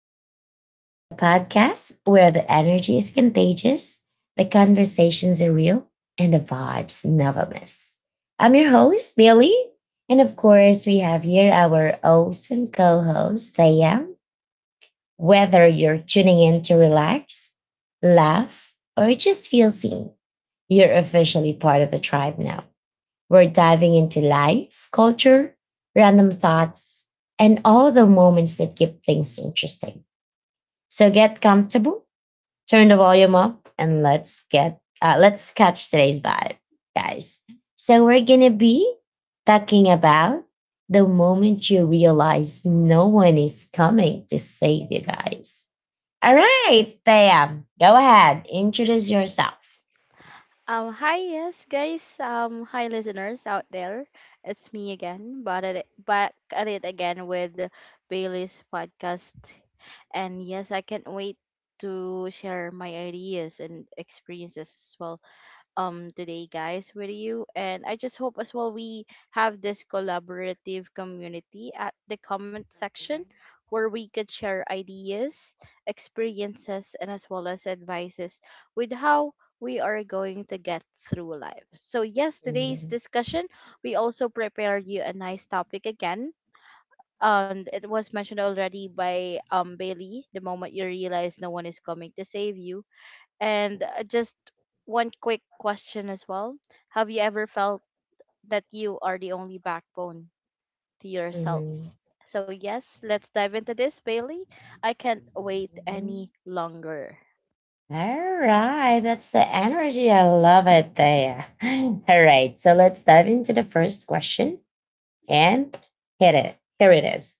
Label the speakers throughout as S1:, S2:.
S1: Tribe. So, the podcast where the energy is contagious, the conversations are real, and the vibes never miss. I'm your host, Billy. And of course, we have here our awesome co host, Liam. Whether you're tuning in to relax, laugh, or just feel seen, you're officially part of the tribe now. We're diving into life, culture, random thoughts, and all the moments that keep things interesting. So get comfortable, turn the volume up, and let's catch today's vibe, guys. So we're gonna be talking about the moment you realize no one is coming to save you guys. All right, Tam, go ahead, introduce yourself.
S2: Yes, guys. Hi, listeners out there. It's me again, but at it, back at it again with Bailey's podcast. And yes, I can't wait to share my ideas and experiences as well today, guys, with you, and I just hope as well we have this collaborative community at the comment section where we could share ideas, experiences, and as well as advices with how we are going to get through life. So yes, today's
S1: Mhm,
S2: discussion, we also prepared you a nice topic again. It was mentioned already by Bailey, the moment you realize no one is coming to save you. And just one quick question as well. Have you ever felt that you are the only backbone to yourself?
S1: mhm,
S2: So, yes, let's dive into this, Bailey. I can't wait
S1: mhm.
S2: any longer.
S1: All right, that's the energy. I love it there. All right, so let's dive into the first question and hit it. Here it is.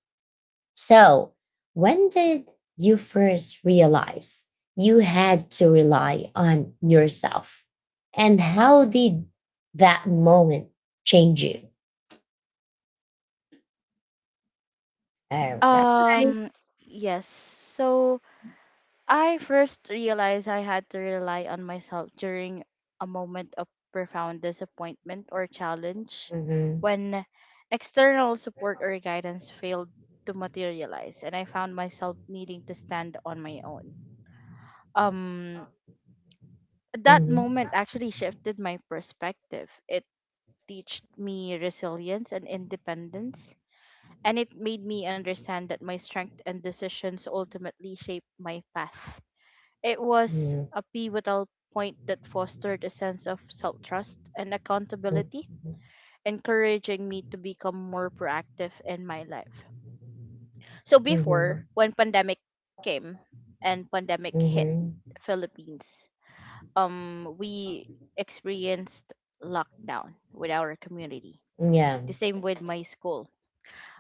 S1: So, when did you first realize you had to rely on yourself? And how did that moment change you? All right.
S2: Um, yes. So, I first realized I had to rely on myself during a moment of profound disappointment or challenge
S1: Mhm,
S2: when external support or guidance failed to materialize, and I found myself needing to stand on my own. Um that
S1: mhm,
S2: moment actually shifted my perspective. It taught me resilience and independence, and it made me understand that my strength and decisions ultimately shape my path. It was
S1: mhm,
S2: a pivotal point that fostered a sense of self trust and
S1: mhm,
S2: accountability, encouraging me to become more proactive in my life. So before,
S1: mhm,
S2: when pandemic came and pandemic hit
S1: mhm,
S2: Philippines, we experienced lockdown with our community.
S1: yeah.
S2: The same with my school.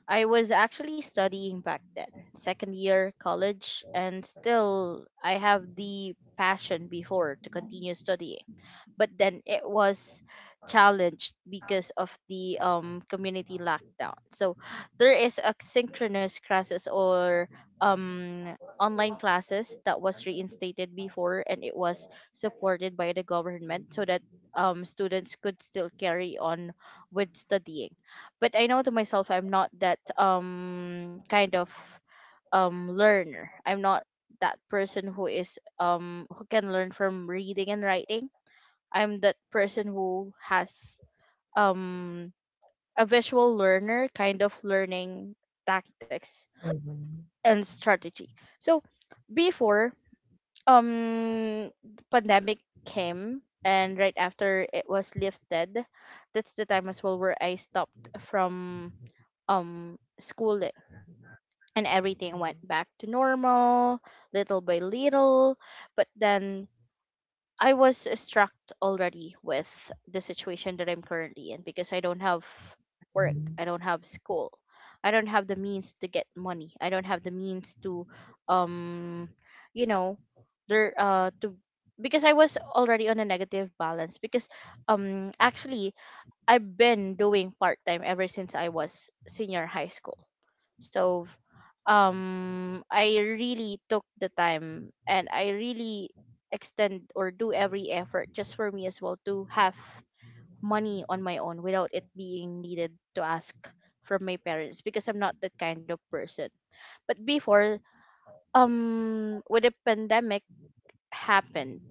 S2: I was actually studying back then, second year college, and still I have the passion before to continue studying. But then it was challenged because of the community lockdown. So there is a synchronous classes or um online classes that was reinstated before, and it was supported by the government so that students could still carry on with studying. But I know to myself I'm not that kind of learner. I'm not that person who is who can learn from reading and writing. I'm that person who has um a visual learner kind of learning tactics
S1: Mhm.
S2: and strategy. So before um pandemic came and right after it was lifted, that's the time as well where I stopped from schooling, and everything went
S1: Mhm.
S2: back to normal little by little. But then I was struck already with the situation that I'm currently in, because I don't have work, I don't have school, I don't have the means to get money, I don't have the means to um you know there to because I was already on a negative balance. Because actually, I've been doing part time ever since I was senior high school. So I really took the time and I really extend or do every effort just for me as well to have money on my own without it being needed to ask from my parents, because I'm not that kind of person. But before, when the pandemic happened,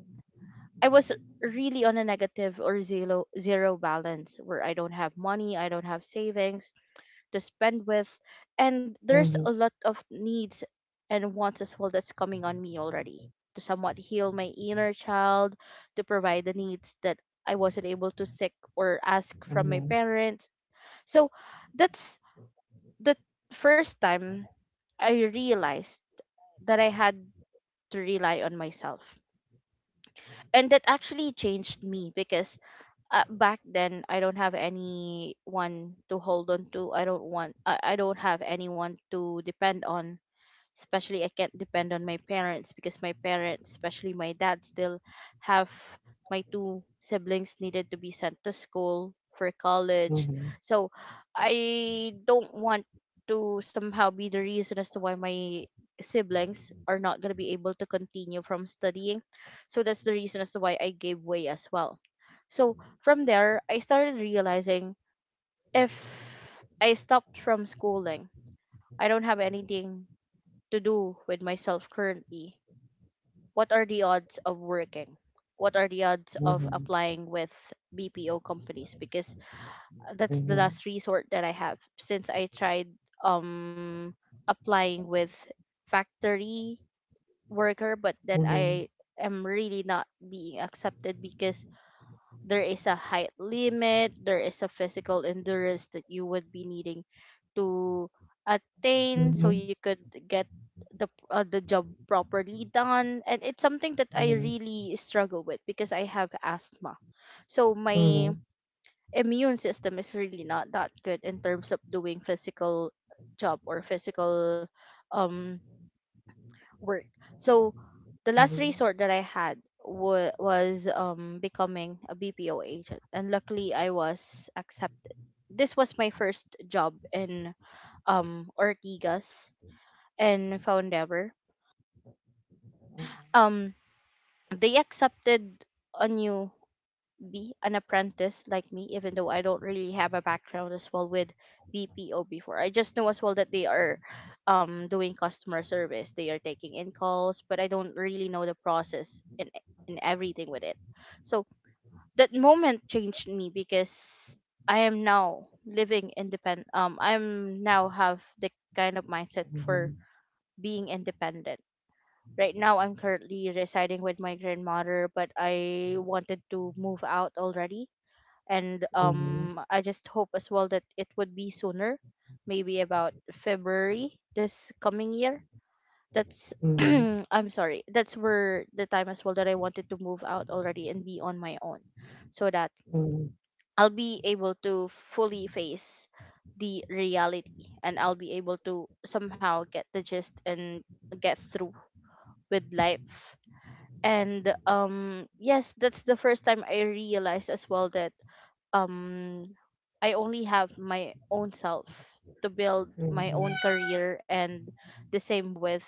S2: I was really on a negative or zero balance where I don't have money, I don't have savings to spend with, and
S1: Mhm.
S2: there's a
S1: Mhm.
S2: lot of needs and wants as well that's coming on me already to somewhat heal my inner child, to provide the needs that I wasn't able to seek or ask from my parents. So that's the first time I realized that I had to rely on myself. And that actually changed me because back then I don't have anyone to hold on to. I don't have anyone to depend on, especially I can't depend on my parents, because my parents, especially my dad, still have my two siblings needed to be sent to school for college.
S1: Mhm.
S2: So I don't want to somehow be the reason as to why my siblings are not going to be able to continue from studying. So that's the reason as to why I gave way as well. So from there I started realizing, if I stopped from schooling, I don't have anything to do with myself currently. What are the odds of working? What are the odds of
S1: Mhm.
S2: applying with BPO companies? Because that's the last resort that I have, since I tried um applying with factory worker, but then
S1: Mhm.
S2: I am really not being accepted because there is a height limit, there is a physical endurance that you would be needing to attain so you
S1: Mhm.
S2: could get the job properly done. And it's something that I
S1: Mhm.
S2: really struggle with because I have asthma. So my
S1: Mhm.
S2: immune system is really not that good in terms of doing physical job or physical um work. So the last
S1: Mhm.
S2: resort that I had wa was becoming a BPO agent, and luckily I was accepted. This was my first job in Ortigas and Foundever. Um, they accepted a new be an apprentice like me, even though I don't really have a background as well with BPO before. I just know as well that they are doing customer service. They are taking in calls, but I don't really know the process and everything with it. So that moment changed me because I am now living independent. I'm now have the kind of mindset for
S1: Mhm.
S2: being independent. Right now, I'm currently residing with my grandmother, but I wanted to move out already, and
S1: Mhm. Mhm.
S2: I just hope as well that it would be sooner, maybe about February this coming year. That's I'm sorry. That's where the time as well that I wanted to move out already and be on my own, so that
S1: Mhm. Mhm. Mhm. Mhm.
S2: I'll be able to fully face the reality, and I'll be able to somehow get the gist and get through with life. And yes, that's the first time I realized as well that um I only have my own self to build my own career and the same with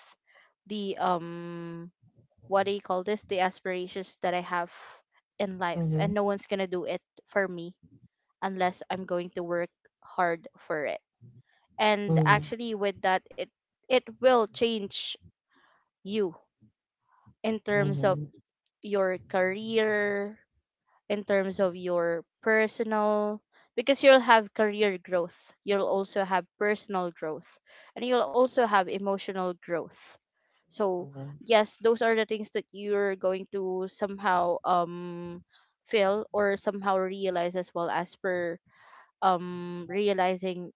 S2: the what do you call this, the aspirations that I have in life, and
S1: Mhm.
S2: no one's going to do it for me unless I'm going to work hard for it. And
S1: Mhm.
S2: actually with that, it will change you in terms of your career, in terms of your personal, because you'll have career growth, you'll also have personal growth, and you'll also have emotional growth. So
S1: Mhm.
S2: yes, those are the things that you're going to somehow feel or somehow realize as well as per realizing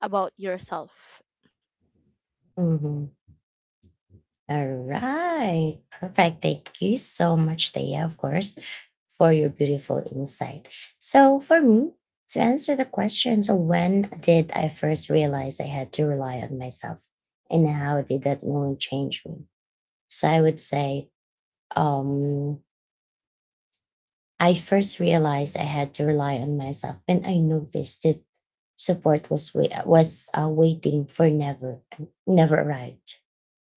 S2: about yourself.
S1: Mhm. All right. Perfect. Thank you so much, Thea, of course, for your beautiful insight. So, for me, to answer the question, so when did I first realize I had to rely on myself and how did that moment change me? So, I would say, um, I first realized I had to rely on myself and I noticed that support was wait- was waiting for never never arrived,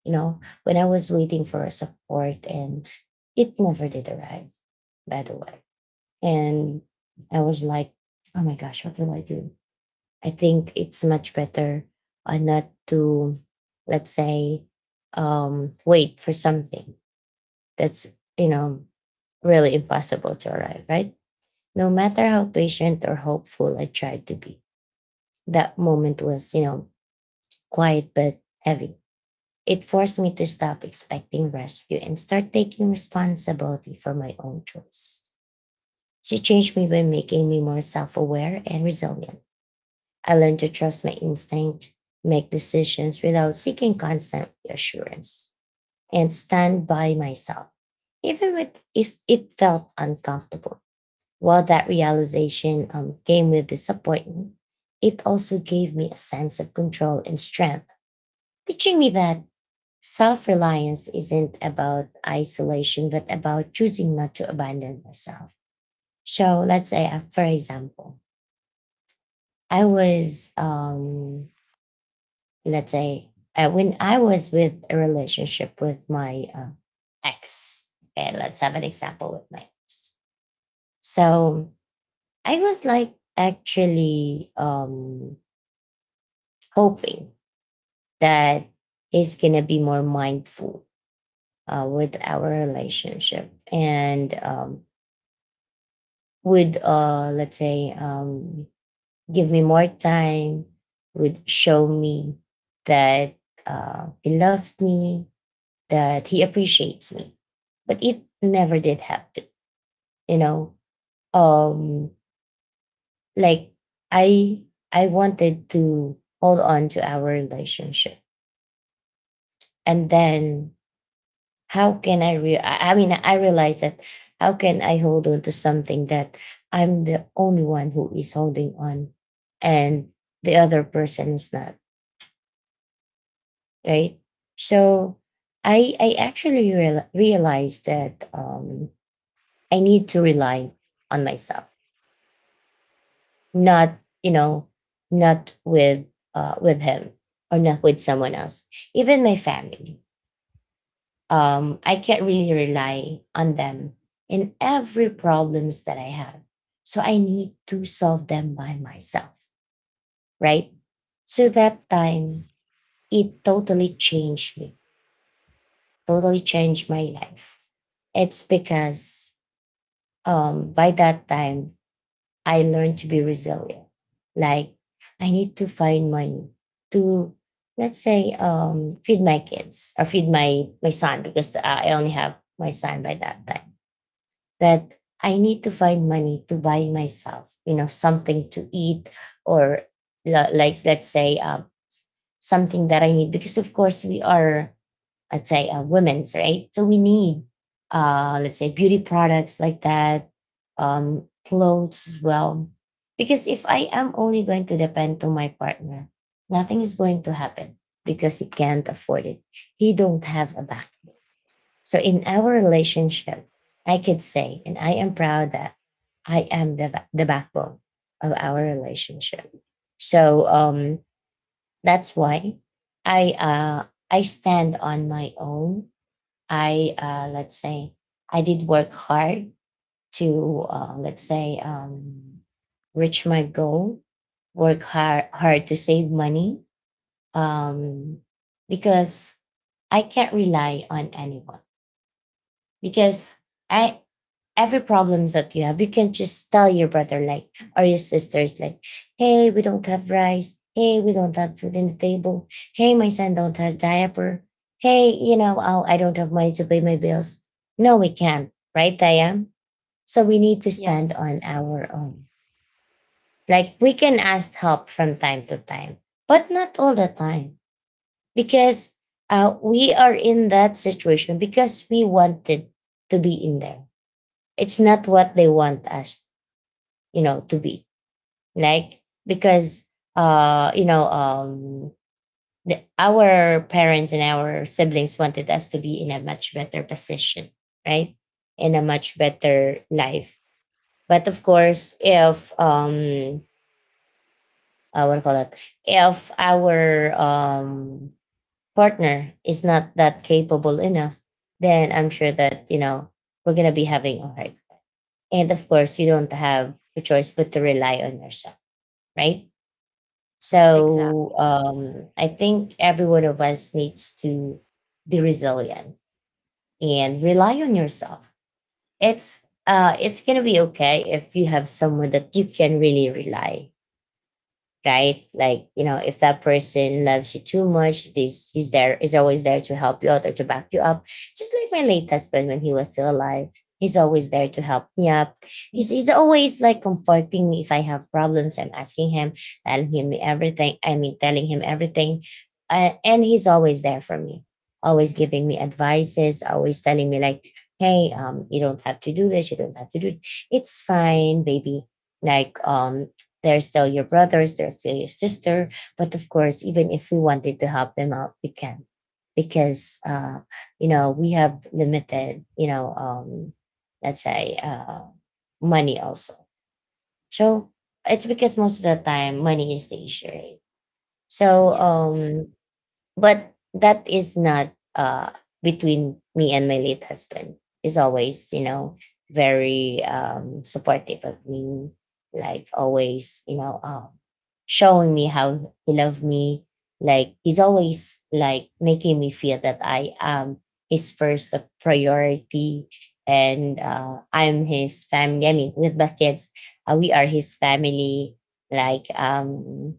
S1: you know, when I was waiting for a support and it never did arrive, by the way. And I was like, oh my gosh, what will I do? I think it's much better, not to, let's say, wait for something that's, you know, really impossible to arrive, right? No matter how patient or hopeful I tried to be, that moment was, you know, quiet but heavy. It forced me to stop expecting rescue and start taking responsibility for my own choice. She changed me by making me more self aware and resilient. I learned to trust my instinct, make decisions without seeking constant reassurance, and stand by myself, even with, if it felt uncomfortable. While that realization came with disappointment, it also gave me a sense of control and strength, teaching me that self reliance isn't about isolation, but about choosing not to abandon myself. So let's say, for example, I was, let's say, when I was with a relationship with my ex, and let's have an example with my ex. So I was like actually, hoping that he's gonna be more mindful with our relationship and would let's say give me more time, would show me that, he loved me, that he appreciates me, but it never did happen, you know. Um like i I wanted to hold on to our relationship, and then how can I real? I mean, I realize that how can I hold on to something that I'm the only one who is holding on, and the other person is not, right. So I realized that, I need to rely on myself, not, you know, not with, with him, or not with someone else, even my family. I can't really rely on them in every problems that I have. So I need to solve them by myself, right? So that time it totally changed me, totally changed my life. It's because, by that time I learned to be resilient. Like I need to find money to, let's say, feed my kids or feed my son, because I only have my son by that time, that I need to find money to buy myself, you know, something to eat, or like let's say, something that I need, because of course we are, I'd say, women's right, so we need, let's say, beauty products like that, clothes as well. Because if I am only going to depend to my partner, nothing is going to happen because he can't afford it. He don't have a back, so in our relationship, I could say, and I am proud that I am the, the backbone of our relationship. So, that's why I, I stand on my own. I, let's say I did work hard to, let's say, reach my goal, work hard to save money, um, because I can't rely on anyone, because I every problems that you have, you can just tell your brother, like, or your sisters, like, hey, we don't have rice. Hey, we don't have food in the table. Hey, my son don't have diaper. Hey, you know, oh, I don't have money to pay my bills. No, we can't, right, Diane? So we need to
S2: Yes,
S1: stand on our own. Like we can ask help from time to time, but not all the time, because, we are in that situation because we wanted to be in there. It's not what they want us, you know, to be like, because, uh you know um the, our parents and our siblings wanted us to be in a much better position, right, in a much better life. But of course, if what do you call it, if our, partner is not that capable enough, then I'm sure that, you know, we're gonna be having a hard. And of course you don't have a choice but to rely on yourself, right.
S2: exactly.
S1: So, I think every one of us needs to be resilient and rely on yourself. It's, it's gonna be okay if you have someone that you can really rely, right? Like, you know, if that person loves you too much, this is there is always there to help you out or to back you up. Just like my late husband when he was still alive. He's always there to help me up. He's always like comforting me if I have problems. I'm asking him, telling him everything. I mean, telling him everything. And he's always there for me, always giving me advices, always telling me, like, hey, you don't have to do this. You don't have to do, it's fine, baby. Like, they're still your brothers, they're still your sister. But of course, even if we wanted to help them out, we can. Because, you know, we have limited, you know, let's say, money also. So it's because most of the time money is the issue, right? So,
S2: Yes,
S1: but that is not, between me and my late husband. He's always, you know, very, supportive of me, like always, you know, showing me how he loved me. Like he's always like making me feel that I am his first priority, and, I'm his family. I mean, with the kids, we are his family. Like,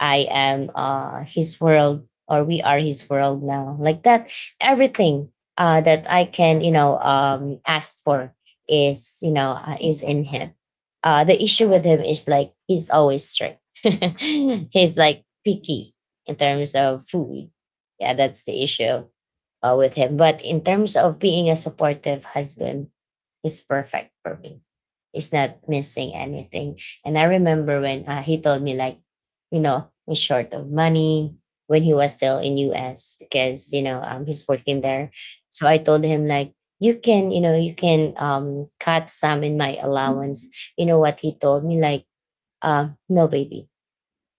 S1: I am, his world, or we are his world now. Like that, everything, that I can, you know, ask for is, you know, is in him. The issue with him is like he's always strict. He's like picky in terms of food. Yeah, that's the issue, with him. But in terms of being a supportive husband, is perfect for me. It's not missing anything. And I remember when, he told me like, you know, he's short of money when he was still in US because you know, he's working there. So I told him like, you can, you know, you can, cut some in my allowance. You know what he told me like, no baby,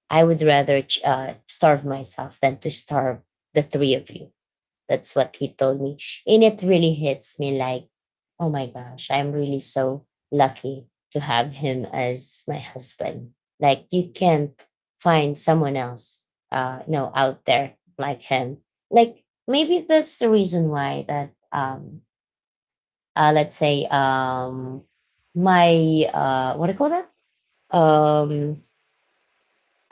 S1: I would rather starve myself than to starve the three of you. That's what he told me. And it really hits me like, oh my gosh, I'm really so lucky to have him as my husband. Like, you can't find someone else, you know, out there like him. Like, maybe that's the reason why that, let's say, my, what do you call that? Um,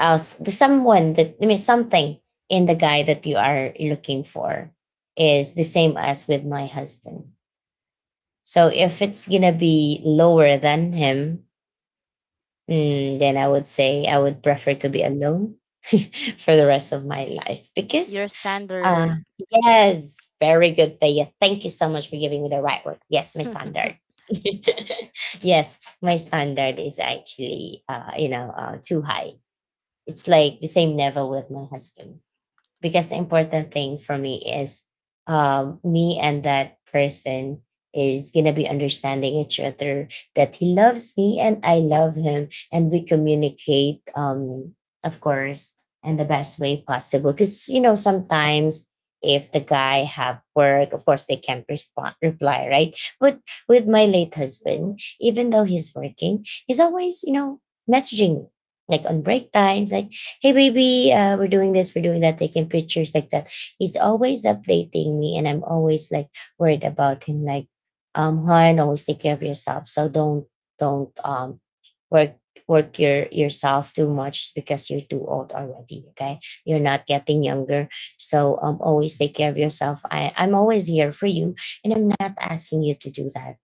S1: else the someone that something in the guy that you are looking for is the same as with my husband. So if it's gonna be lower than him, then I would say I would prefer to be alone for the rest of my life because
S2: your standard.
S1: uh yes, very good, Thea, thank you so much for giving me the right word. Yes, my standard. Yes, my standard is actually too high. It's like the same level with my husband because the important thing for me is, me and that person is gonna be understanding each other, that he loves me and I love him, and we communicate, of course, in the best way possible. Because, you know, sometimes if the guy have work, of course they can't respond, reply, right? But with my late husband, even though he's working, he's always, you know, messaging me, like on break times, like, "Hey baby, we're doing this, we're doing that, taking pictures," like that. He's always updating me, and I'm always like worried about him, like, Juan, always take care of yourself. So don't don't work work yourself too much because you're too old already, okay? You're not getting younger. So always take care of yourself. I'm always here for you, and I'm not asking you to do that.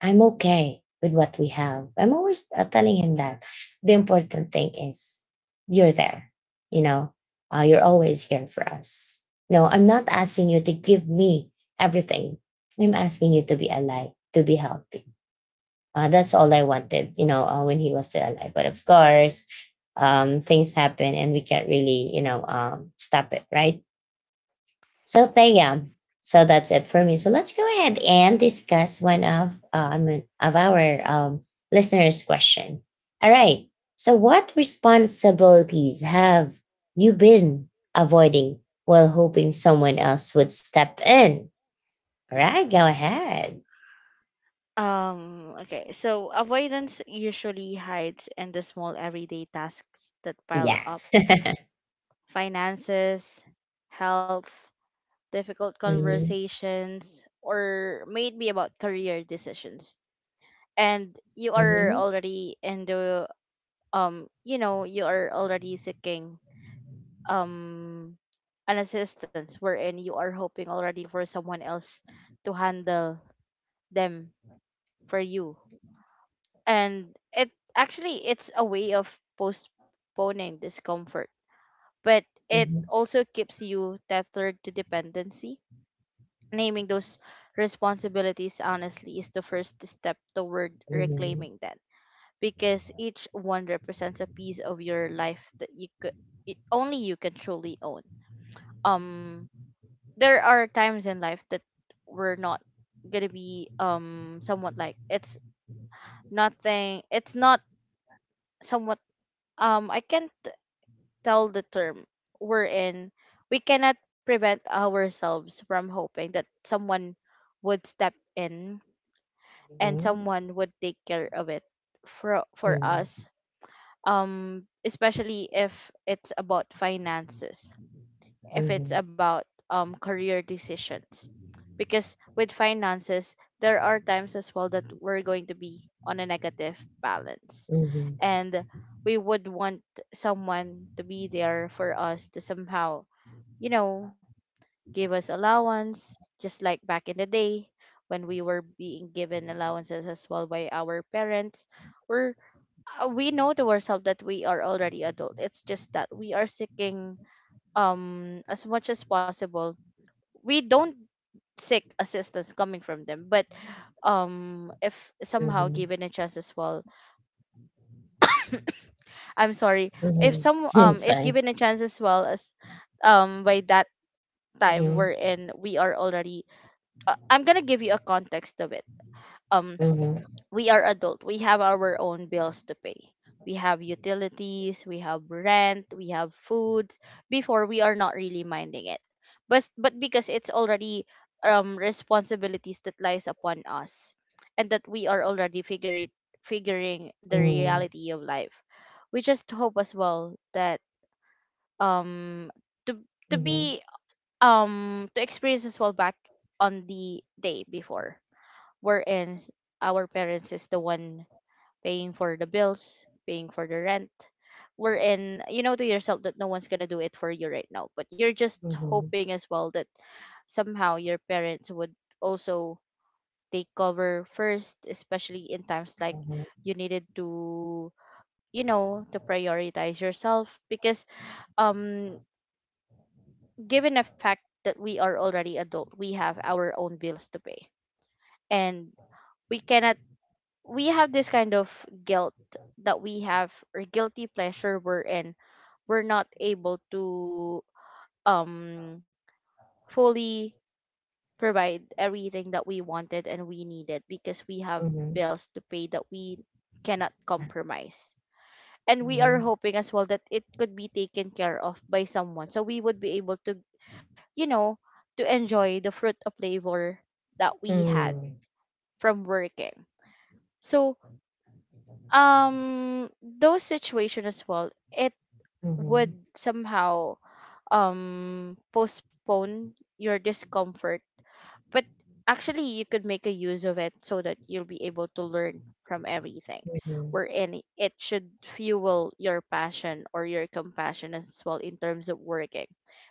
S1: I'm okay with what we have." I'm always telling him that the important thing is you're there. You know, you're always here for us. No, I'm not asking you to give me everything. I'm asking you to be alive, to be healthy. That's all I wanted, when he was still alive. But of course, things happen and we can't really, stop it, right? So Payam, so that's it for me. So let's go ahead and discuss one of our listeners' question. All right. So what responsibilities have you been avoiding while hoping someone else would step in? All right, go ahead.
S2: Okay, so avoidance usually hides in the small everyday tasks that pile
S1: Yeah.
S2: up: finances, health, difficult
S1: Mhm.
S2: conversations, or maybe about career decisions. And you are
S1: Mhm.
S2: already in the, you know, you are already seeking um, an assistance wherein you are hoping already for someone else to handle them for you. And it actually it's a way of postponing discomfort, but it
S1: Mhm.
S2: also keeps you tethered to dependency. Naming those responsibilities honestly is the first step toward
S1: Mhm.
S2: reclaiming that, because each one represents a piece of your life that you could it, only you can truly own. um there are times in life that we're not gonna be somewhat like, it's nothing, it's not somewhat I can't tell the term we're in, we cannot prevent ourselves from hoping that someone would step in and
S1: Mhm.
S2: someone would take care of it for
S1: Mhm.
S2: us. Especially if it's about finances, if it's
S1: Mhm.
S2: about career decisions. Because with finances, there are times as well that we're going to be on a negative balance,
S1: Mhm.
S2: and we would want someone to be there for us to somehow, you know, give us allowance, just like back in the day when we were being given allowances as well by our parents. Or we know to ourselves that we are already adult. It's just that we are seeking, as much as possible, we don't seek assistance coming from them. But if somehow
S1: Mhm.
S2: given a chance as well, I'm sorry, if
S1: Mhm.
S2: some
S1: It's
S2: if
S1: fine.
S2: given a chance as well, as by that time we're
S1: Mhm.
S2: in, we are already I'm gonna give you a context of it. um
S1: Mhm.
S2: we are adult. We have our own bills to pay. We have utilities, we have rent, we have foods. Before we are not really minding it. But because it's already responsibilities that lies upon us, and that we are already figuring the
S1: Mhm.
S2: reality of life. We just hope as well that um to to
S1: Mhm.
S2: be to experience as well back on the day before, wherein our parents is the one paying for the bills, paying for the rent. Wherein you know to yourself that no one's gonna do it for you right now, but you're just
S1: Mhm.
S2: hoping as well that somehow your parents would also take cover first, especially in times like
S1: Mhm.
S2: you needed to, you know, to prioritize yourself because um given the fact that we are already adult, we have our own bills to pay. And we cannot we have this kind of guilt that we have or guilty pleasure we're not able to um fully provide everything that we wanted and we needed because we have
S1: Mhm.
S2: bills to pay that we cannot
S1: Yeah.
S2: compromise, and we are
S1: Mhm.
S2: hoping as well that it could be taken care of by someone so we would be able to, you know, to enjoy the fruit of labor that we had
S1: Mm.
S2: from working. So those situations as well, it would
S1: Mhm.
S2: somehow postpone your discomfort, but actually you could make a use of it so that you'll be able to learn from everything, wherein it should fuel your passion or your compassion as well in terms of working,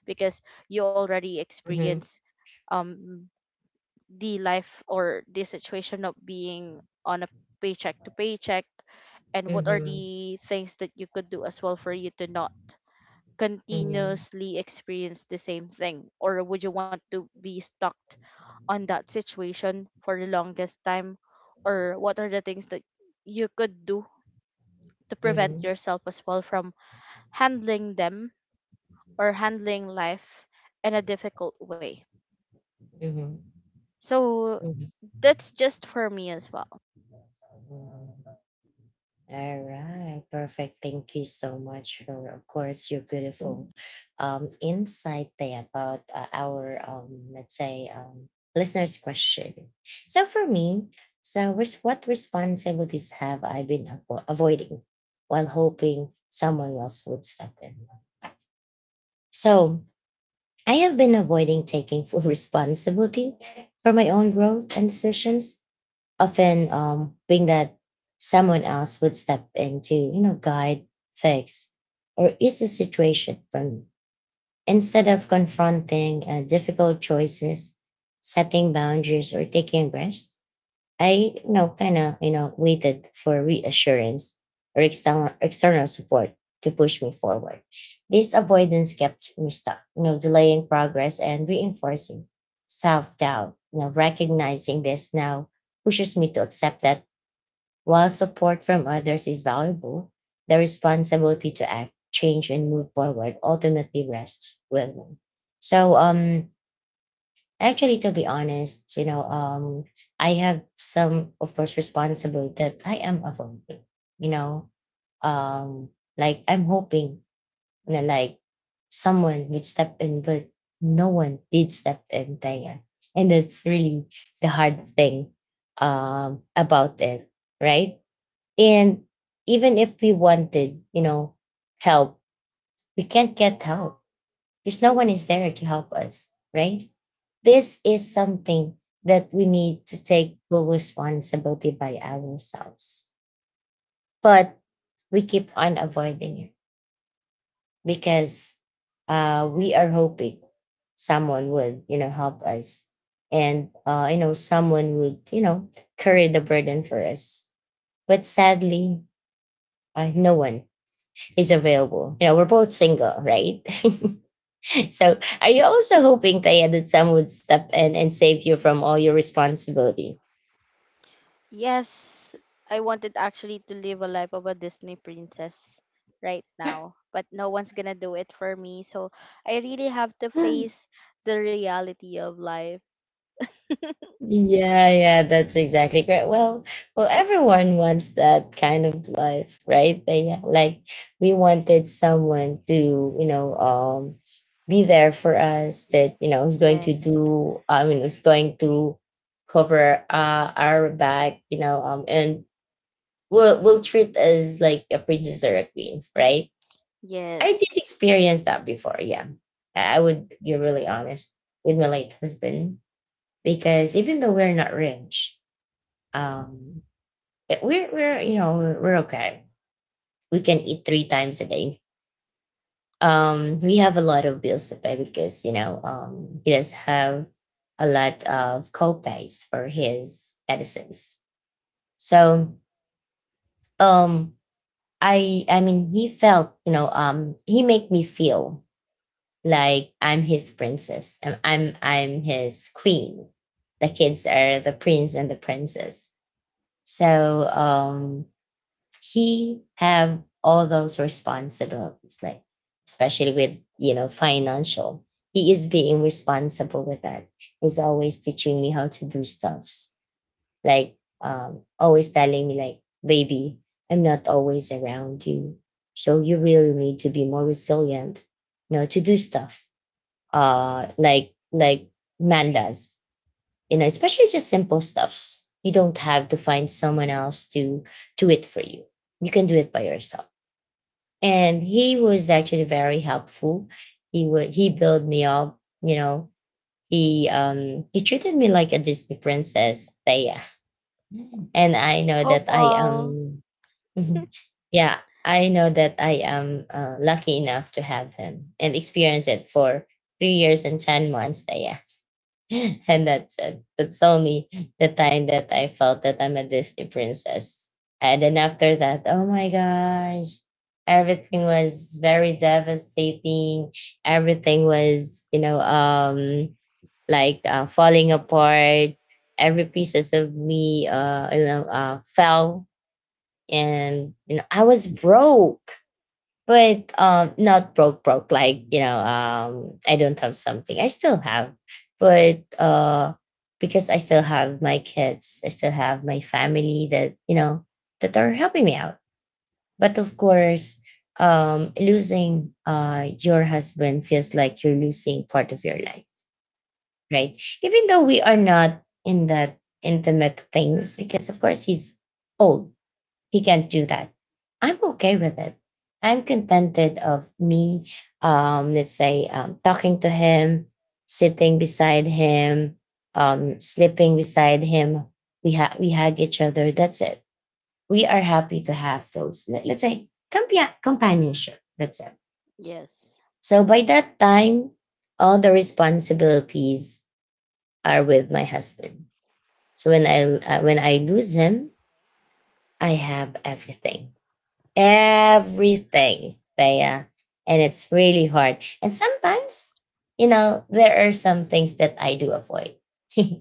S2: because you already
S1: Mhm.
S2: experience um the life or the situation of being on a paycheck to paycheck, and what are
S1: Mhm.
S2: the things that you could do as well for you to not
S1: Mhm.
S2: continuously experience the same thing, or would you want to be stuck on that situation for the longest time, or what are the things that you could do to prevent
S1: Mhm.
S2: yourself as well from handling them or handling life in a difficult way.
S1: Mhm.
S2: So
S1: Mhm.
S2: that's just for me as well.
S1: Mhm. All right, perfect. Thank you so much for, of course, your beautiful insight there about our, listeners' question. So for me, so what responsibilities have I been avoiding while hoping someone else would step in? So I have been avoiding taking full responsibility for my own growth and decisions, often being that someone else would step in to, you know, guide, fix, or ease the situation from, instead of confronting difficult choices, setting boundaries, or taking rest. I, you know, kind of, you know, waited for reassurance or external support to push me forward. This avoidance kept me stuck, you know, delaying progress and reinforcing self doubt. You know, recognizing this now pushes me to accept that while support from others is valuable, the responsibility to act, change, and move forward ultimately rests with me. So actually, to be honest, you know, I have some, of course, responsibility that I am avoiding. You know, um, like I'm hoping that like someone would step in, but no one did step in there, and that's really the hard thing about it, right? And even if we wanted, you know, help, we can't get help because no one is there to help us, right? This is something that we need to take full responsibility by ourselves. But we keep on avoiding it because we are hoping someone would, you know, help us, and, someone would, you know, carry the burden for us. But sadly, no one is available. You know, we're both single, right? So are you also hoping, Taya, that someone would step in and save you from all your responsibility?
S2: Yes, I wanted actually to live a life of a Disney princess right now, but no one's gonna do it for me. So I really have to face the reality of life.
S1: Yeah, yeah, that's exactly correct. Well, well, everyone wants that kind of life, right? They, yeah, like we wanted someone to, you know, um, be there for us that, you know, is going to
S2: Yes,
S1: do. Is going to cover our back, and will treat us like a princess or a queen, right? I did
S2: yes.
S1: experience that before. Yeah, I would be really honest with my late husband because even though we're not rich, um, we're okay. We can eat three times a day. We have a lot of bills to pay because, he does have a lot of co-pays for his medicines. So, um, I mean he felt, he made me feel like I'm his princess. I'm his queen, the kids are the prince and the princess. So, he have all those responsibilities like, especially with, you know, financial, he is being responsible with that. He's always teaching me how to do stuffs, like, always telling me like, "Baby, I'm not always around you, so you really need to be more resilient, you know, to do stuff, like man does, you know, especially just simple stuffs. You don't have to find someone else to do it for you. You can do it by yourself." And he was actually very helpful. He built me up, you know, he treated me like a Disney princess, Thea. Mm. And I know
S2: Hope
S1: that I
S2: all.
S1: am. Mhm. Yeah, I know that I am lucky enough to have him and experience it for 3 years and 10 months, Thea. And that's it. That's only the time that I felt that I'm a Disney princess. And then after that, oh my gosh, everything was very devastating. Everything was, like falling apart. Every pieces of me, fell, and, you know, I was broke. But not broke broke, like, you know, I don't have something, I still have. But because I still have my kids, I still have my family that, you know, that are helping me out. But of course, losing your husband feels like you're losing part of your life, right? Even though we are not in that intimate things because, of course, he's old, he can't do that. I'm okay with it. I'm contented of me, talking to him, sitting beside him, sleeping beside him. We hug each other. That's it. We are happy to have those. Let's say companionship. That's it.
S2: Yes,
S1: So by that time, all the responsibilities are with my husband. So when I, when I lose him, I have everything. Everything, Thea. And it's really hard, and sometimes, you know, there are some things that I do avoid.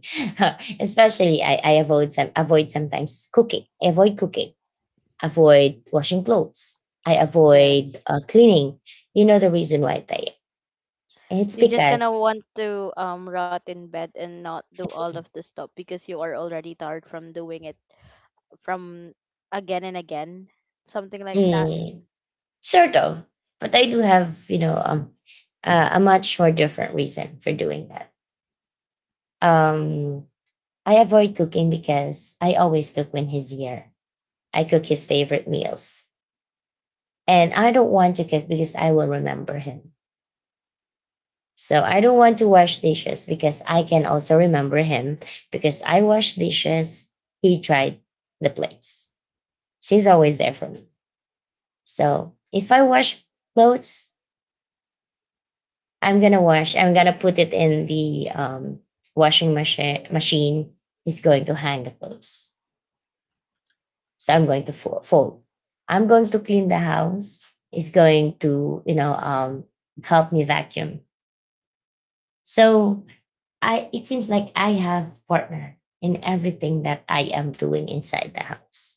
S1: Especially, I avoid sometimes cooking. I avoid cooking, avoid washing clothes, I avoid
S2: yes.
S1: cleaning. You know the reason why, Thea? It's
S2: You're just gonna
S1: because,
S2: want to rot in bed and not do all of the stuff because you are already tired from doing it, from again and again, something like that.
S1: mm, sort of. But I do have, a much more different reason for doing that. um I avoid cooking because I always cook when he's here. I cook his favorite meals. And I don't want to cook because I will remember him. So I don't want to wash dishes because I can also remember him, because I wash dishes. He tried the plates. She's always there for me. So if I wash clothes, I'm gonna wash. I'm gonna put it in the, washing machine. He's going to hang the clothes. So I'm going to fold. I'm going to clean the house. Is going to, help me vacuum. So I, it seems like I have partner in everything that I am doing inside the house.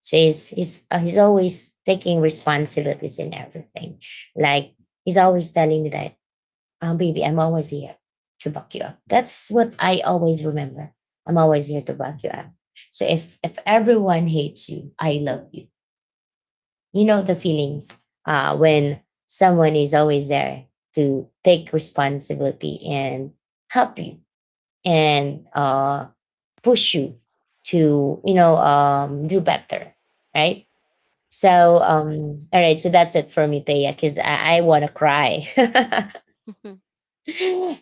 S1: So he's always taking responsibilities in everything. Like he's always telling me that, "Oh, baby, I'm always here to back you up." That's what I always remember. I'm always here to back you up. So if everyone hates you, I love you. You know the feeling when someone is always there to take responsibility and help you and push you to, do better, right? So,
S2: Yes.
S1: all right, so that's it for me, Thea, because I want to cry.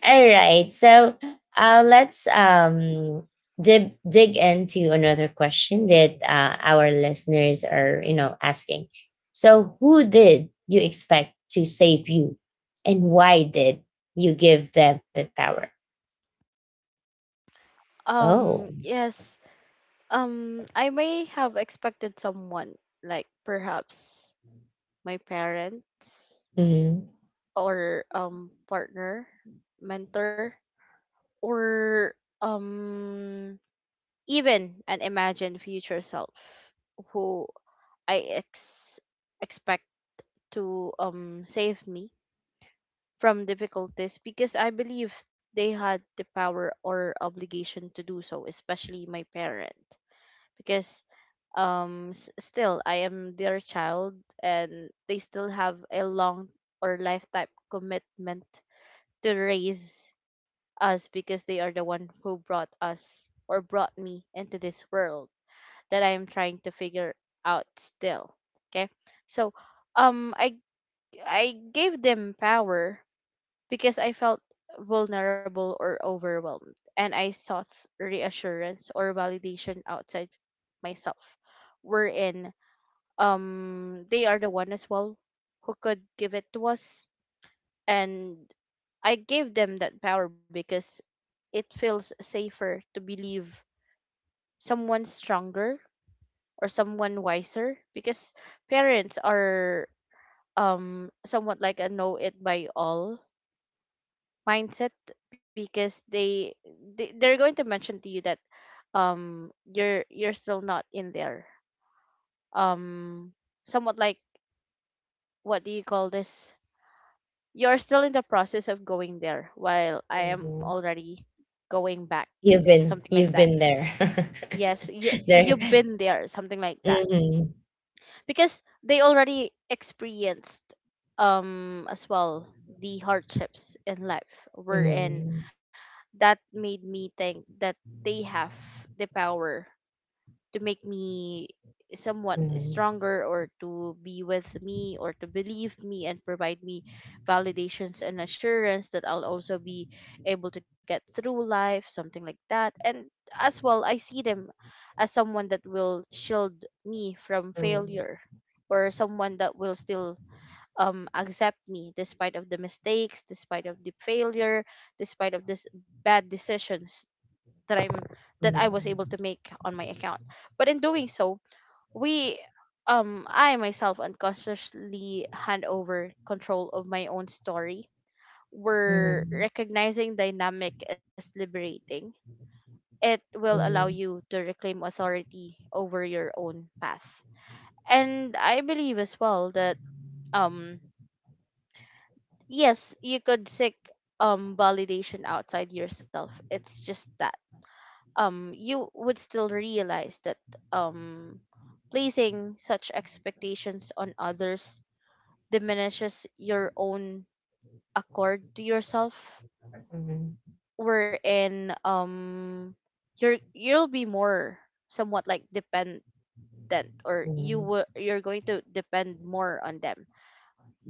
S1: All right. So let's dig into another question that our listeners are, you know, asking. So, who did you expect to save you, and why did you give them the power?
S2: Um,
S1: Oh,
S2: yes. I may have expected someone, like perhaps my parents
S1: mhm.
S2: or partner, mentor, or um even an imagined future self who I ex expect to save me from difficulties because I believe they had the power or obligation to do so, especially my parent. Because still I am their child and they still have a long or lifetime commitment to raise us, because they are the one who brought us or brought me into this world that I am trying to figure out still. Okay, so um I I gave them power because I felt vulnerable or overwhelmed, and I sought reassurance or validation outside myself. Wherein, they are the one as well who could give it to us, and I gave them that power because it feels safer to believe someone stronger or someone wiser, because parents are somewhat like a know it by all mindset, because they're going to mention to you that you're still not in there, um, somewhat like what do you call this, you're still in the process of going there while I am
S1: Mhm.
S2: already going back,
S1: You've
S2: something
S1: been,
S2: like
S1: you've
S2: that.
S1: been there.
S2: Yes, you
S1: There.
S2: you've been there, something like that.
S1: Hmm.
S2: Because they already experienced as well the hardships in life, wherein
S1: Hmm.
S2: that made me think that they have the power to make me somewhat
S1: Hmm.
S2: stronger, or to be with me, or to believe me, and provide me validations and assurance that I'll also be able to get through life, something like that. And as well, I see them as someone that will shield me from
S1: Mhm.
S2: failure, or someone that will still accept me despite of the mistakes, despite of the failure, despite of this bad decisions that I was able to
S1: Mhm.
S2: make on my account. But in doing so, we I myself unconsciously hand over control of my own story, where
S1: Mhm.
S2: recognizing dynamic as liberating, it will allow
S1: Mhm.
S2: you to reclaim authority over your own path. And I believe as well that um yes, you could seek validation outside yourself. It's just that you would still realize that um placing such expectations on others diminishes your own accord to yourself,
S1: Mhm.
S2: wherein you'll be more somewhat like dependent, or
S1: Mhm.
S2: you're going to depend more on them,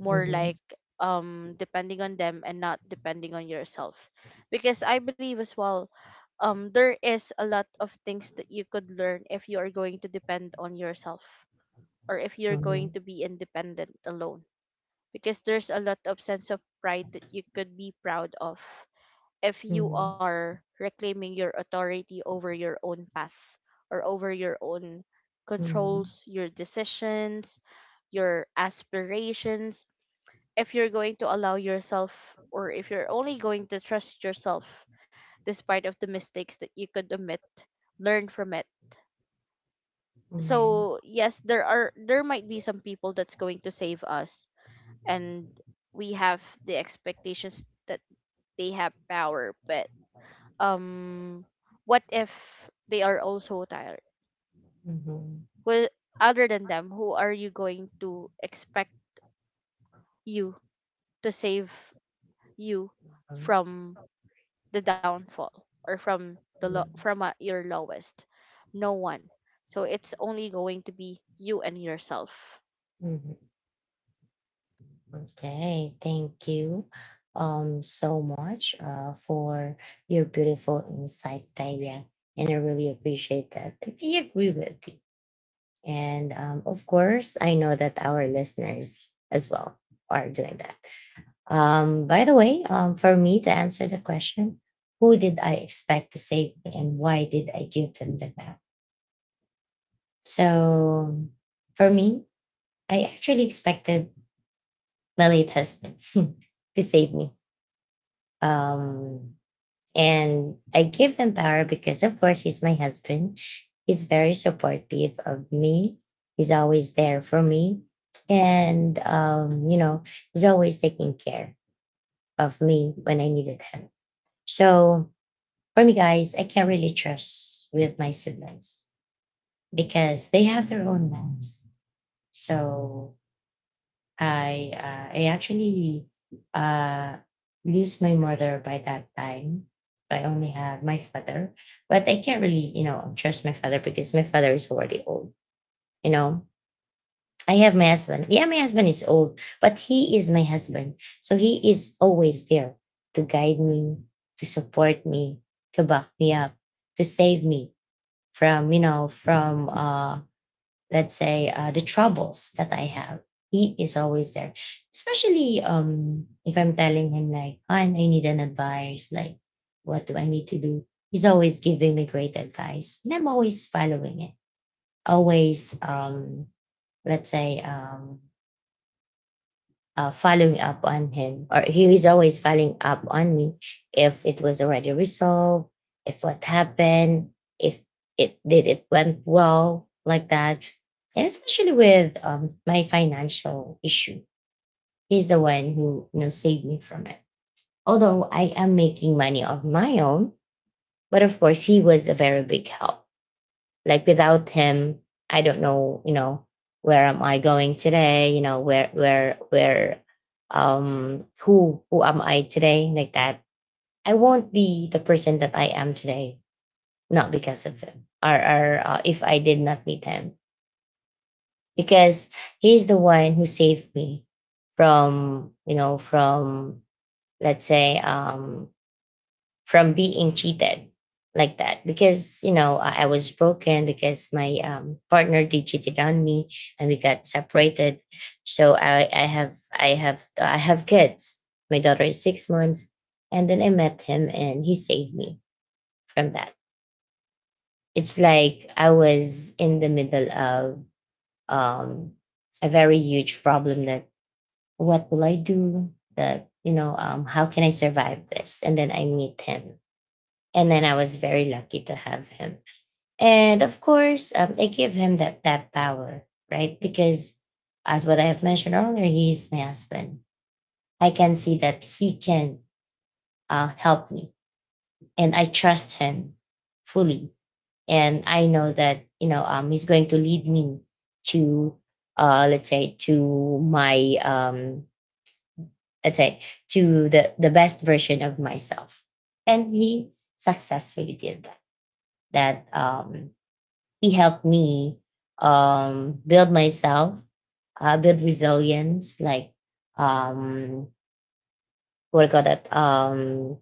S2: more like depending on them and not depending on yourself, because I believe as well there is a lot of things that you could learn if you are going to depend on yourself, or if you're going
S1: Mhm.
S2: to be independent alone, because there's a lot of sense of pride that you could be proud of if you
S1: Mhm.
S2: are reclaiming your authority over your own path, or over your own
S1: Mhm.
S2: controls, your decisions, your aspirations, if you're going to allow yourself, or if you're only going to trust yourself, despite of the mistakes that you could admit, learn from it.
S1: Right.
S2: So yes, there are, there might be some people that's going to save us, and we have the expectations that they have power, but um what if they are also tired?
S1: Mhm.
S2: Well, other than them, who are you going to expect you to save you
S1: Mhm.
S2: from the downfall, or from
S1: Mhm.
S2: from your lowest? No one. So it's only going to be you and yourself.
S1: Mhm. Okay, thank you so much for your beautiful insight, Taya. And I really appreciate that. I really agree with you. And, of course, I know that our listeners as well are doing that. By the way, for me to answer the question, who did I expect to save me and why did I give them the power? So for me, I actually expected my late husband to save me. Um, and I give him power because, of course, he's my husband. He's very supportive of me. He's always there for me. And, you know, he's always taking care of me when I needed him. So for me, guys, I can't really trust with my siblings because they have their own lives. So I, I actually, uh, lose my mother by that time. I only have my father, but I can't really, trust my father because my father is already old. You know, I have my husband. Yeah, my husband is old, but he is my husband, so he is always there to guide me, to support me, to back me up, to save me from, from let's say the troubles that I have. He is always there, especially if I'm telling him like, "Han, I need an advice. Like, what do I need to do?" He's always giving me great advice, and I'm always following it. Always, let's say, following up on him, or he is always following up on me if it was already resolved, if what happened, if it went well like that, and especially with my financial issue, he's the one who saved me from it. Although I am making money of my own, but of course he was a very big help, like without him, I don't know, where am I going today, where, who am I today, like that. I won't be the person that I am today, not because of him, or if I did not meet him, because he's the one who saved me from, from, let's say, from being cheated, like that. Because I was broken because my partner did cheated on me and we got separated. So I have kids. My daughter is 6 months, and then I met him and he saved me from that. It's like I was in the middle of, um a very huge problem, that what will I do, that how can I survive this, and then I meet him, and then I was very lucky to have him. And of course, I give him that power, right? Because as what I have mentioned earlier, he is my husband. I can see that he can help me, and I trust him fully. And I know that he's going to lead me to, let's say, to my, let's say, to the best version of myself. And he successfully did that. That he helped me, build myself, build resilience, like um, what do you call that?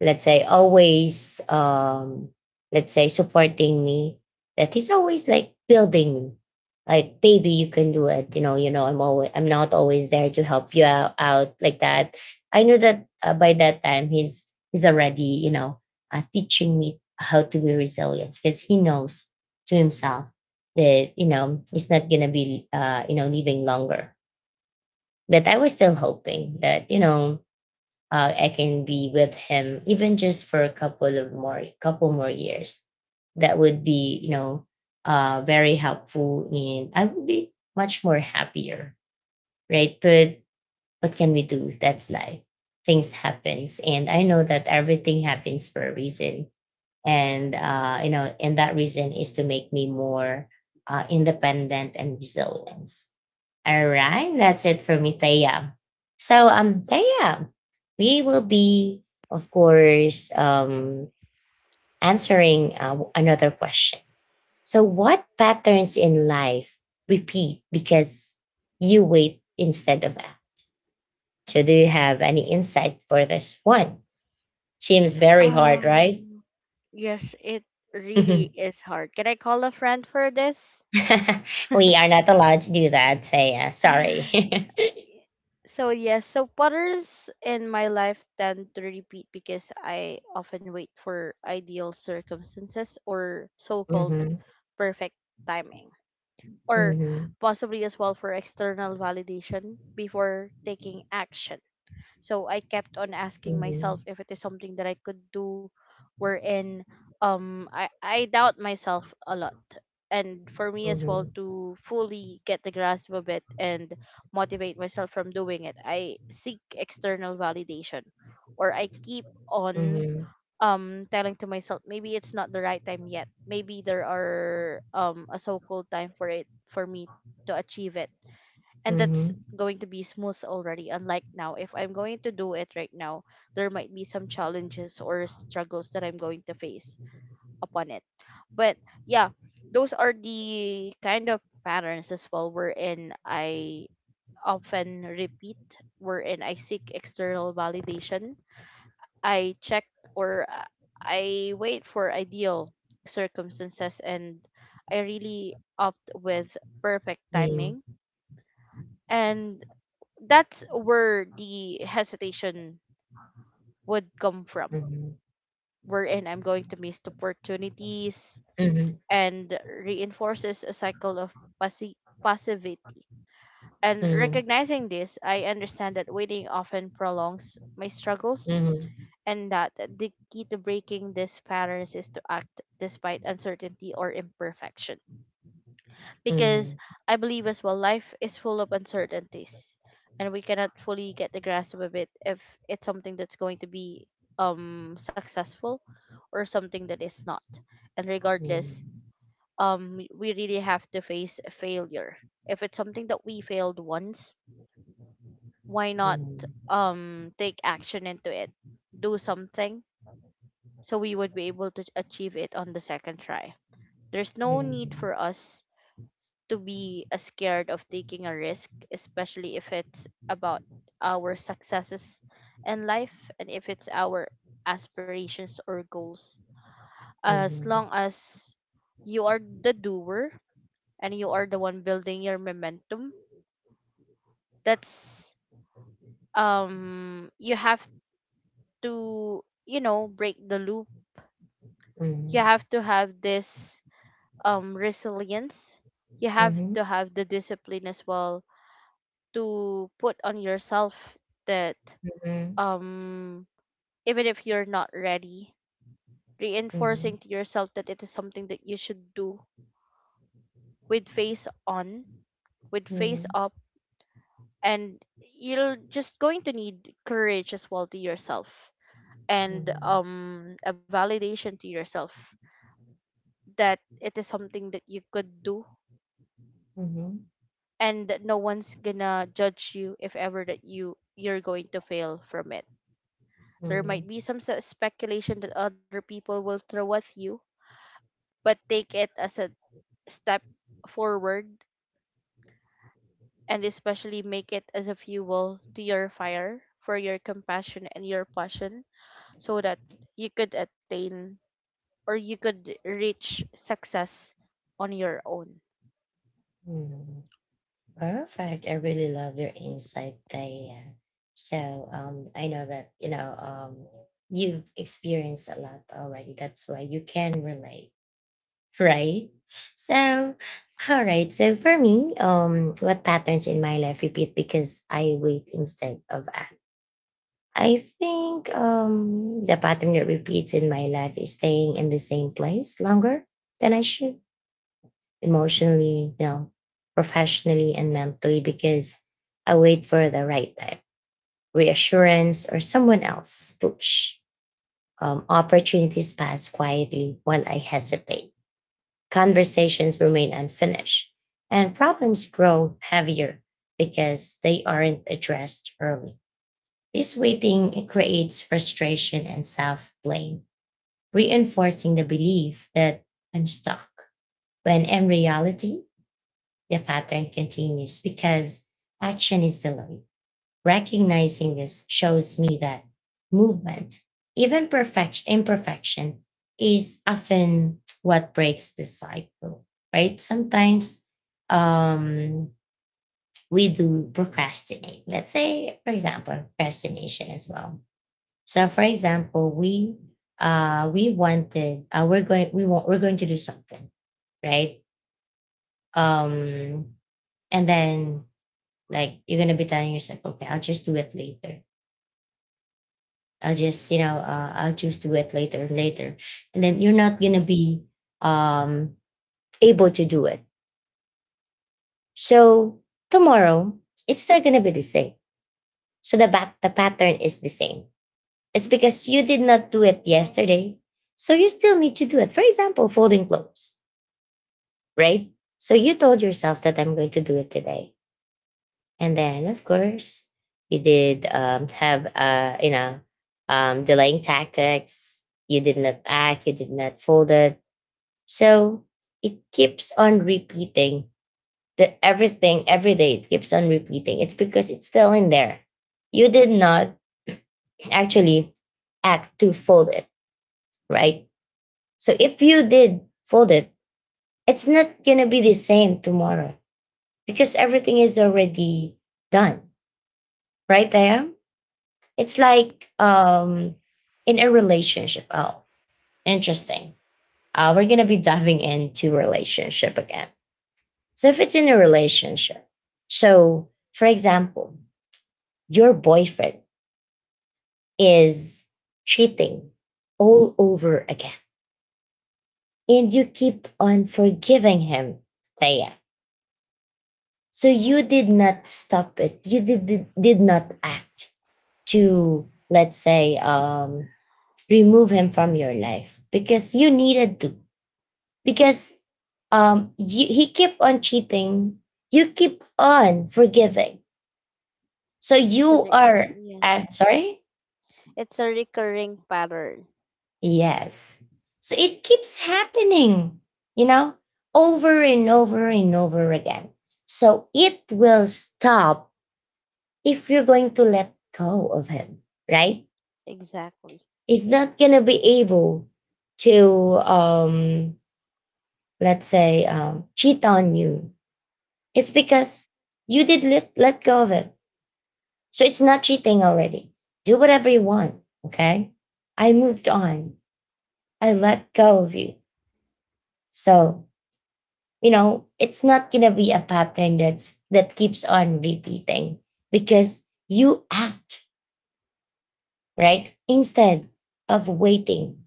S1: Let's say always, let's say, supporting me, that he's always like building me, like, "Baby, you can do it. I'm always, I'm not always there to help you out, like that." I knew that by that time he's already, teaching me how to be resilient, because he knows to himself that he's not gonna be, living longer. But I was still hoping that I can be with him even just for a couple of more couple more years. That would be, very helpful, and I would be much more happier, right? But what can we do? That's life. Things happens, and I know that everything happens for a reason, and and that reason is to make me more independent and resilient. All right, that's it for me, Thea. So, Thea, we will be, of course, answering another question. So, what patterns in life repeat because you wait instead of act? So, do you have any insight for this one? Seems very hard, right?
S2: Um, yes, it
S1: We
S2: really is hard. Can I call a friend for this?
S1: are not allowed to do that, Thea. Sorry.
S2: So yes, so patterns in my life tend to repeat because I often wait for ideal circumstances or so-called
S1: Mhm,
S2: perfect timing, or
S1: mhm,
S2: possibly as well for external validation before taking action. So I kept on asking
S1: mhm,
S2: myself if it is something that I could do, wherein I doubt myself a lot. And for me as well
S1: mhm,
S2: to fully get the grasp of it and motivate myself from doing it, I seek external validation, or I keep
S1: mhm,
S2: on
S1: mhm,
S2: telling to myself maybe it's not the right time yet. Maybe there are a so called time for it for me to achieve it, and that's
S1: mhm,
S2: going to be smooth already, unlike now. If I'm going to do it right now, there might be some challenges or struggles that I'm going to face upon it. But yeah, those are the kind of patterns as well wherein I often repeat, wherein I seek external validation, I check, or I wait for ideal circumstances, and I really opt with perfect
S1: mhm,
S2: timing. And that's where the hesitation would come from,
S1: mhm,
S2: wherein I'm going to miss opportunities
S1: mhm,
S2: and reinforces a cycle of passi- passivity. And
S1: mhm,
S2: recognizing this, I understand that waiting often prolongs my struggles,
S1: mhm,
S2: and that the key to breaking these patterns is to act despite uncertainty or imperfection,
S1: mhm, mhm,
S2: because
S1: mhm,
S2: I believe as well life is full of uncertainties, and we cannot fully get the grasp of it if it's something that's going to be successful or something that is not. And regardless, we really have to face failure. If it's something that we failed once, why not take action into it? Do something so we would be able to achieve it on the second try. There's no
S1: mhm,
S2: need
S1: mhm,
S2: for us to be as scared of taking a risk, especially if it's about our successes in life, and if it's our aspirations or goals.
S1: mhm,
S2: As
S1: mhm, mhm,
S2: long as you are the doer and you are the one building your momentum, that's you have to, you know, break the loop. You
S1: mhm,
S2: have to have this resilience. You have
S1: mhm,
S2: to have the discipline as well to put on yourself that um even if you're not ready, reinforcing to yourself that it is something that you should do, with face on, with face
S1: mhm,
S2: up. And you're just going to need courage as well to yourself, and a validation to yourself that it is something that you could do,
S1: mhm,
S2: and that no one's gonna judge you if ever that you're going to fail from it. There might be
S1: mhm,
S2: some speculation that other people will throw at you, but take it as a step forward, and especially make it as a fuel to your fire for your compassion and your passion, so that you could attain or you could reach success on your own.
S1: mhm. Perfect. I really love your insight, Thea. So I know that you've experienced a lot already. That's why you can relate, right? So, all right. So for me, what patterns in my life repeat because I wait instead of act? I think the pattern that repeats in my life is staying in the same place longer than I should, emotionally, you know, professionally and mentally, because I wait for the right time, reassurance, or someone else push. Opportunities pass quietly while I hesitate, conversations remain unfinished, and problems grow heavier because they aren't addressed early. This waiting creates frustration and self blame, reinforcing the belief that I'm stuck, when in reality, the pattern continues because action is delayed. Recognizing this shows me that movement, even perfect imperfection, is often what breaks the cycle, right? Sometimes um, we do procrastinate. Let's say, for example, procrastination as well. So, for example, we wanted, we're going to do something, right? Um, and then, like, you're gonna be telling yourself, okay, I'll just do it later, I'll just, I'll just do it later and later. And then you're not going to be, um, able to do it. So tomorrow, it's still going to be the same. So the pattern is the same. It's because you did not do it yesterday. So you still need to do it. For example, folding clothes, right? So you told yourself that I'm going to do it today. And then, of course, you did, delaying tactics. You did not act. You did not fold it. So it keeps on repeating, that everything, every day, it keeps on repeating. It's because it's still in there. You did not actually act to fold it, right? So if you did fold it, it's not gonna be the same tomorrow because everything is already done, right? There, it's like in a relationship. Oh, interesting. We're gonna be diving into relationship again. So if it's in a relationship, so for example, your boyfriend is cheating all over again and you keep on forgiving him, Taya. So you did not stop it. You did not act to, let's say, remove him from your life because you needed to. Because he keep on cheating. You keep on forgiving. So
S2: It's a
S1: you
S2: re-
S1: are,
S2: yes.
S1: sorry?
S2: It's a recurring pattern.
S1: Yes. So it keeps happening, you know, over and over and over again. So it will stop if you're going to let go of him, right?
S2: Exactly.
S1: He's not going to be able to, let's say, cheat on you. It's because you did let go of him. So it's not cheating already. Do whatever you want, okay? I moved on. I let go of you. So, you know, it's not gonna be a pattern that keeps on repeating, because you act right instead of waiting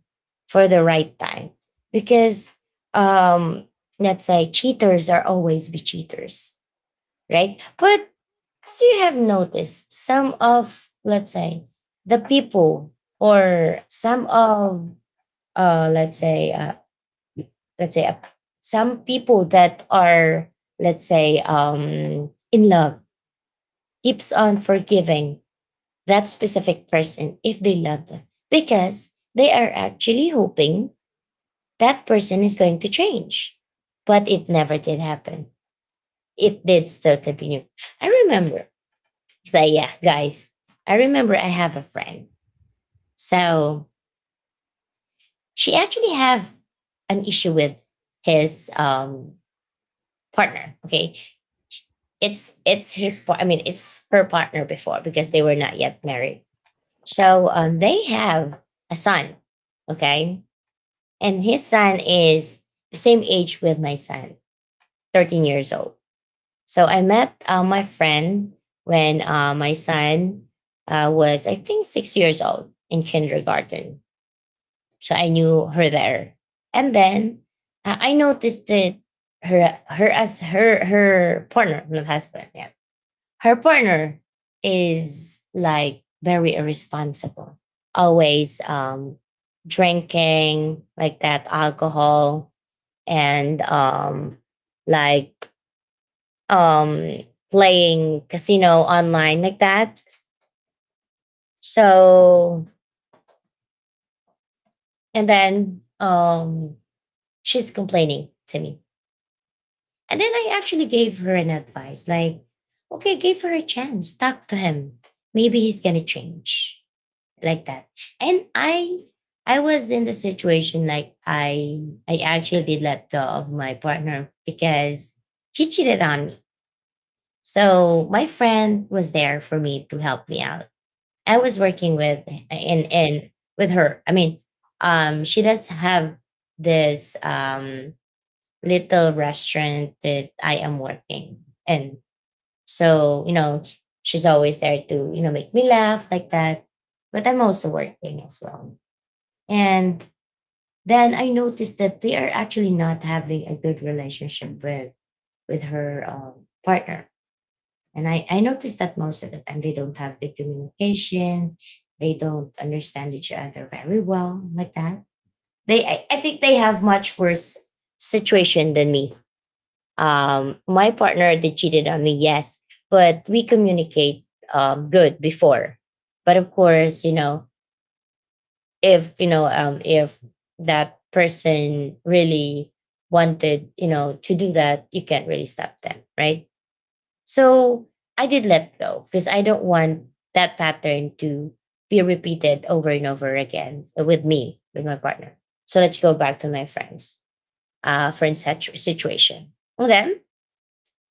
S1: for the right time. Because um, let's say, cheaters are always be cheaters, right? But as you have noticed, some of, let's say, the people, or some of, uh, let's say uh, let's say, uh, some people that are, let's say, in love, keeps on forgiving that specific person if they love them, because they are actually hoping that person is going to change. But it never did happen. It did still continue. I remember, so yeah, guys, I remember I have a friend. So she actually have an issue with his partner. Okay. It's his par-, I mean, it's her partner before, because they were not yet married. So they have a son. Okay. And his son is the same age with my son, 13 years old. So I met my friend when my son was, I think, 6 years old in kindergarten. So I knew her there. And then I noticed that her her as her her partner, not husband, yeah. Her partner is like very irresponsible. Always drinking, like that, alcohol, and like um playing casino online, like that. So and then she's complaining to me. And then I actually gave her an advice like, okay, give her a chance, talk to him. Maybe he's gonna change, like that. And I was in the situation like I actually did let go of my partner because he cheated on me. So my friend was there for me to help me out. I was working with, and with her. I mean, she does have this little restaurant that I am working in. So, you know, she's always there to, you know, make me laugh, like that. But I'm also working as well. And then I noticed that they are actually not having a good relationship with, her, partner. And I noticed that most of the time they don't have good communication. They don't understand each other very well, like that. They I think they have much worse situation than me. My partner, they cheated on me, yes, but we communicate, good before. But of course, if you know, if that person really wanted, to do that, you can't really stop them, right? So I did let go because I don't want that pattern to be repeated over and over again with me, with my partner. So let's go back to my friends situation. Well, then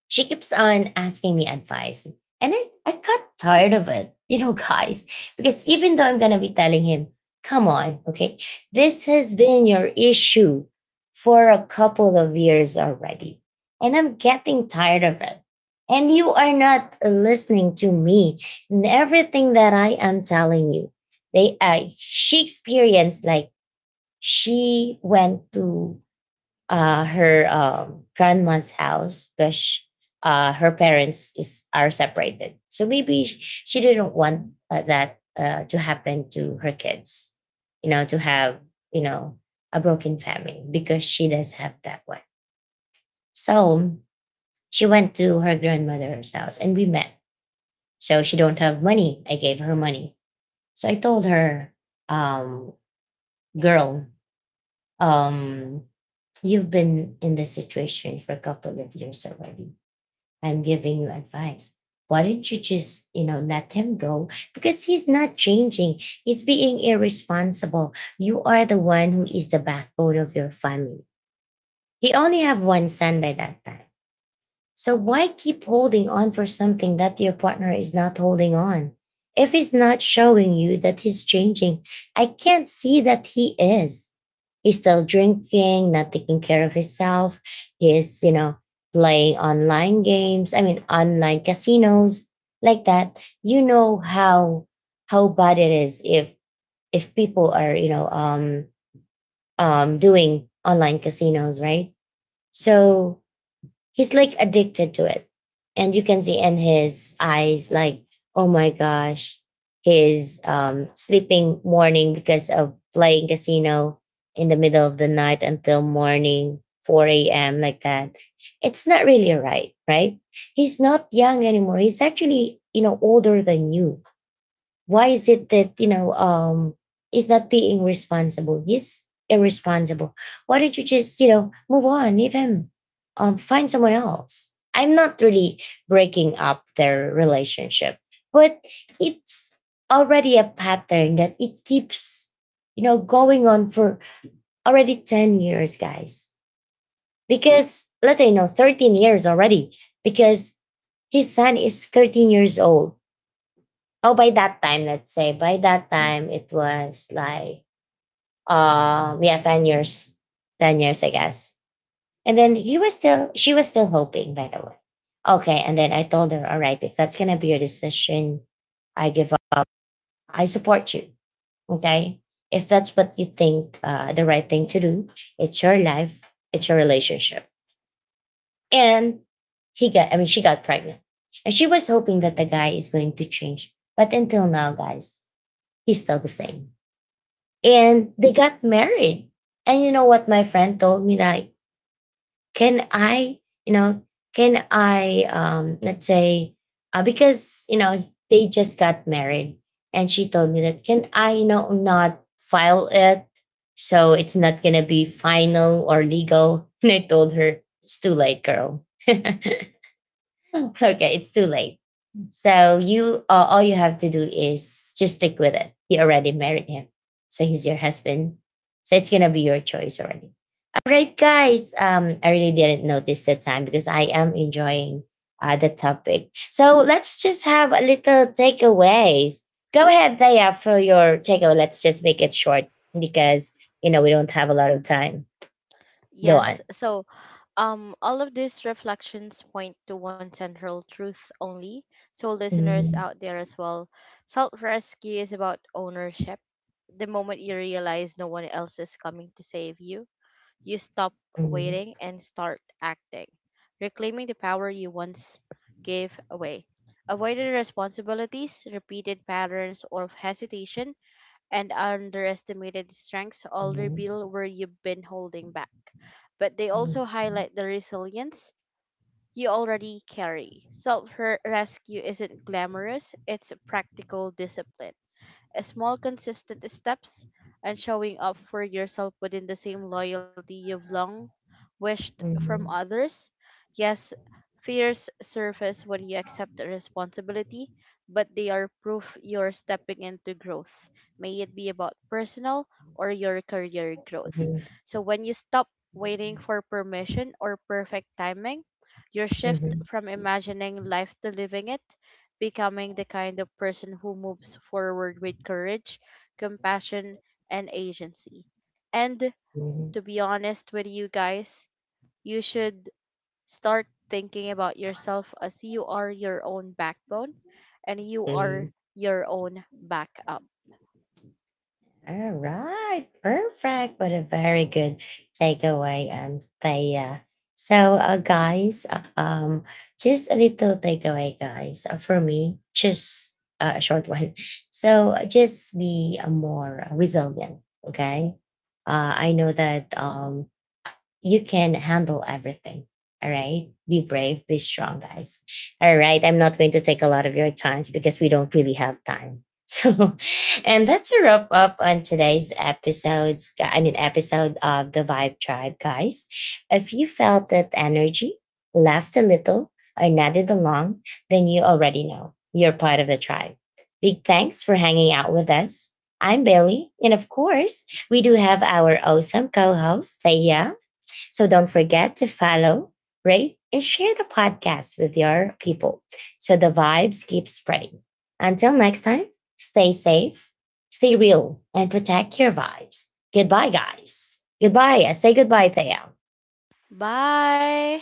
S1: she keeps on asking me advice. And I got tired of it, guys, because even though I'm going to be telling him, come on, okay, this has been your issue for a couple of years already. And I'm getting tired of it. And you are not listening to me and everything that I am telling you. She experienced like she went to her grandma's house, because her parents is are separated. So maybe she didn't want that to happen to her kids. To have you know a broken family, because she does have that one. So she went to her grandmother's house and we met. So she don't have money. I gave her money. So I told her, um, girl, um, you've been in this situation for a couple of years already. I'm giving you advice. Why don't you just, let him go? Because he's not changing. He's being irresponsible. You are the one who is the backbone of your family. He only have one son by that time. So why keep holding on for something that your partner is not holding on? If he's not showing you that he's changing, I can't see that he is. He's still drinking, not taking care of himself. He is, playing online games. I mean, online casinos, like that. You know how bad it is, if people are, doing online casinos, right? So he's like addicted to it, and you can see in his eyes, like, oh my gosh, he's sleeping morning because of playing casino in the middle of the night until morning, 4 a.m., like that. It's not really right, right? He's not young anymore, he's actually, older than you. Why is it that, is not being responsible? He's irresponsible. Why don't you just, move on, leave him, find someone else. I'm not really breaking up their relationship, but it's already a pattern that it keeps, going on for already 10 years, guys. Because, let's say, 13 years already, because his son is 13 years old. Oh, by that time, let's say, by that time it was like, yeah, 10 years. 10 years, I guess. And then he was still she was still hoping, by the way. Okay. And then I told her, all right, if that's gonna be your decision, I give up. I support you. Okay. If that's what you think, the right thing to do, it's your life, it's your relationship. And, I mean, she got pregnant. And she was hoping that the guy is going to change. But until now, guys, he's still the same. And they got married. And you know what my friend told me, like, can I, you know, can I let's say, because they just got married, and she told me that, can I not file it, so it's not gonna be final or legal? And I told her, it's too late, girl. Okay, it's too late. So you all you have to do is just stick with it. You already married him. So he's your husband. So it's gonna be your choice already. All right, guys. I really didn't notice the time because I am enjoying the topic. So let's just have a little takeaways. Go ahead, Daya, for your takeaway. Let's just make it short, because we don't have a lot of time. Go on.
S2: Yes, so all of these reflections point to one central truth only. So, listeners
S1: Mhm,
S2: out there as well, self rescue is about ownership. The moment you realize no one else is coming to save you, you stop
S1: mhm,
S2: waiting and start acting, reclaiming the power you once gave away. Avoided responsibilities, repeated patterns, or hesitation, and underestimated strengths all
S1: mhm,
S2: reveal where you've been holding back. But they also
S1: mhm,
S2: highlight the resilience you already carry. Self rescue isn't glamorous, it's practical discipline. A small, consistent steps and showing up for yourself within the same loyalty you've long wished from
S1: mhm,
S2: others. Yes, fears surface when you accept the responsibility, but they are proof you're stepping into growth, may it be about personal or your career growth.
S1: mhm,
S2: So when you stop waiting for permission or perfect timing, your shift
S1: mhm,
S2: from imagining life to living it, becoming the kind of person who moves forward with courage, compassion, and agency. And
S1: mhm,
S2: to be honest with you guys, you should start thinking about yourself as you are your own backbone and you are
S1: mm.
S2: your own backup.
S1: Alright, perfect. What a very good takeaway, Thea. So, guys, just a little takeaway, guys. For me, just a short one. So, just be more resilient. Okay. I know that, you can handle everything. All right. Be brave, be strong, guys. All right. I'm not going to take a lot of your time because we don't really have time. So, and that's a wrap up on today's episodes. I mean, episode of the Vibe Tribe, guys. If you felt that energy, laughed a little, or nodded along, then you already know you're part of the tribe. Big thanks for hanging out with us. I'm Bailey. And of course, we do have our awesome co host, Thea. So don't forget to follow, rate, and share the podcast with your people, so the vibes keep spreading. Until next time, stay safe, stay real, and protect your vibes. Goodbye, guys. Goodbye. Say goodbye, Thea.
S2: Bye!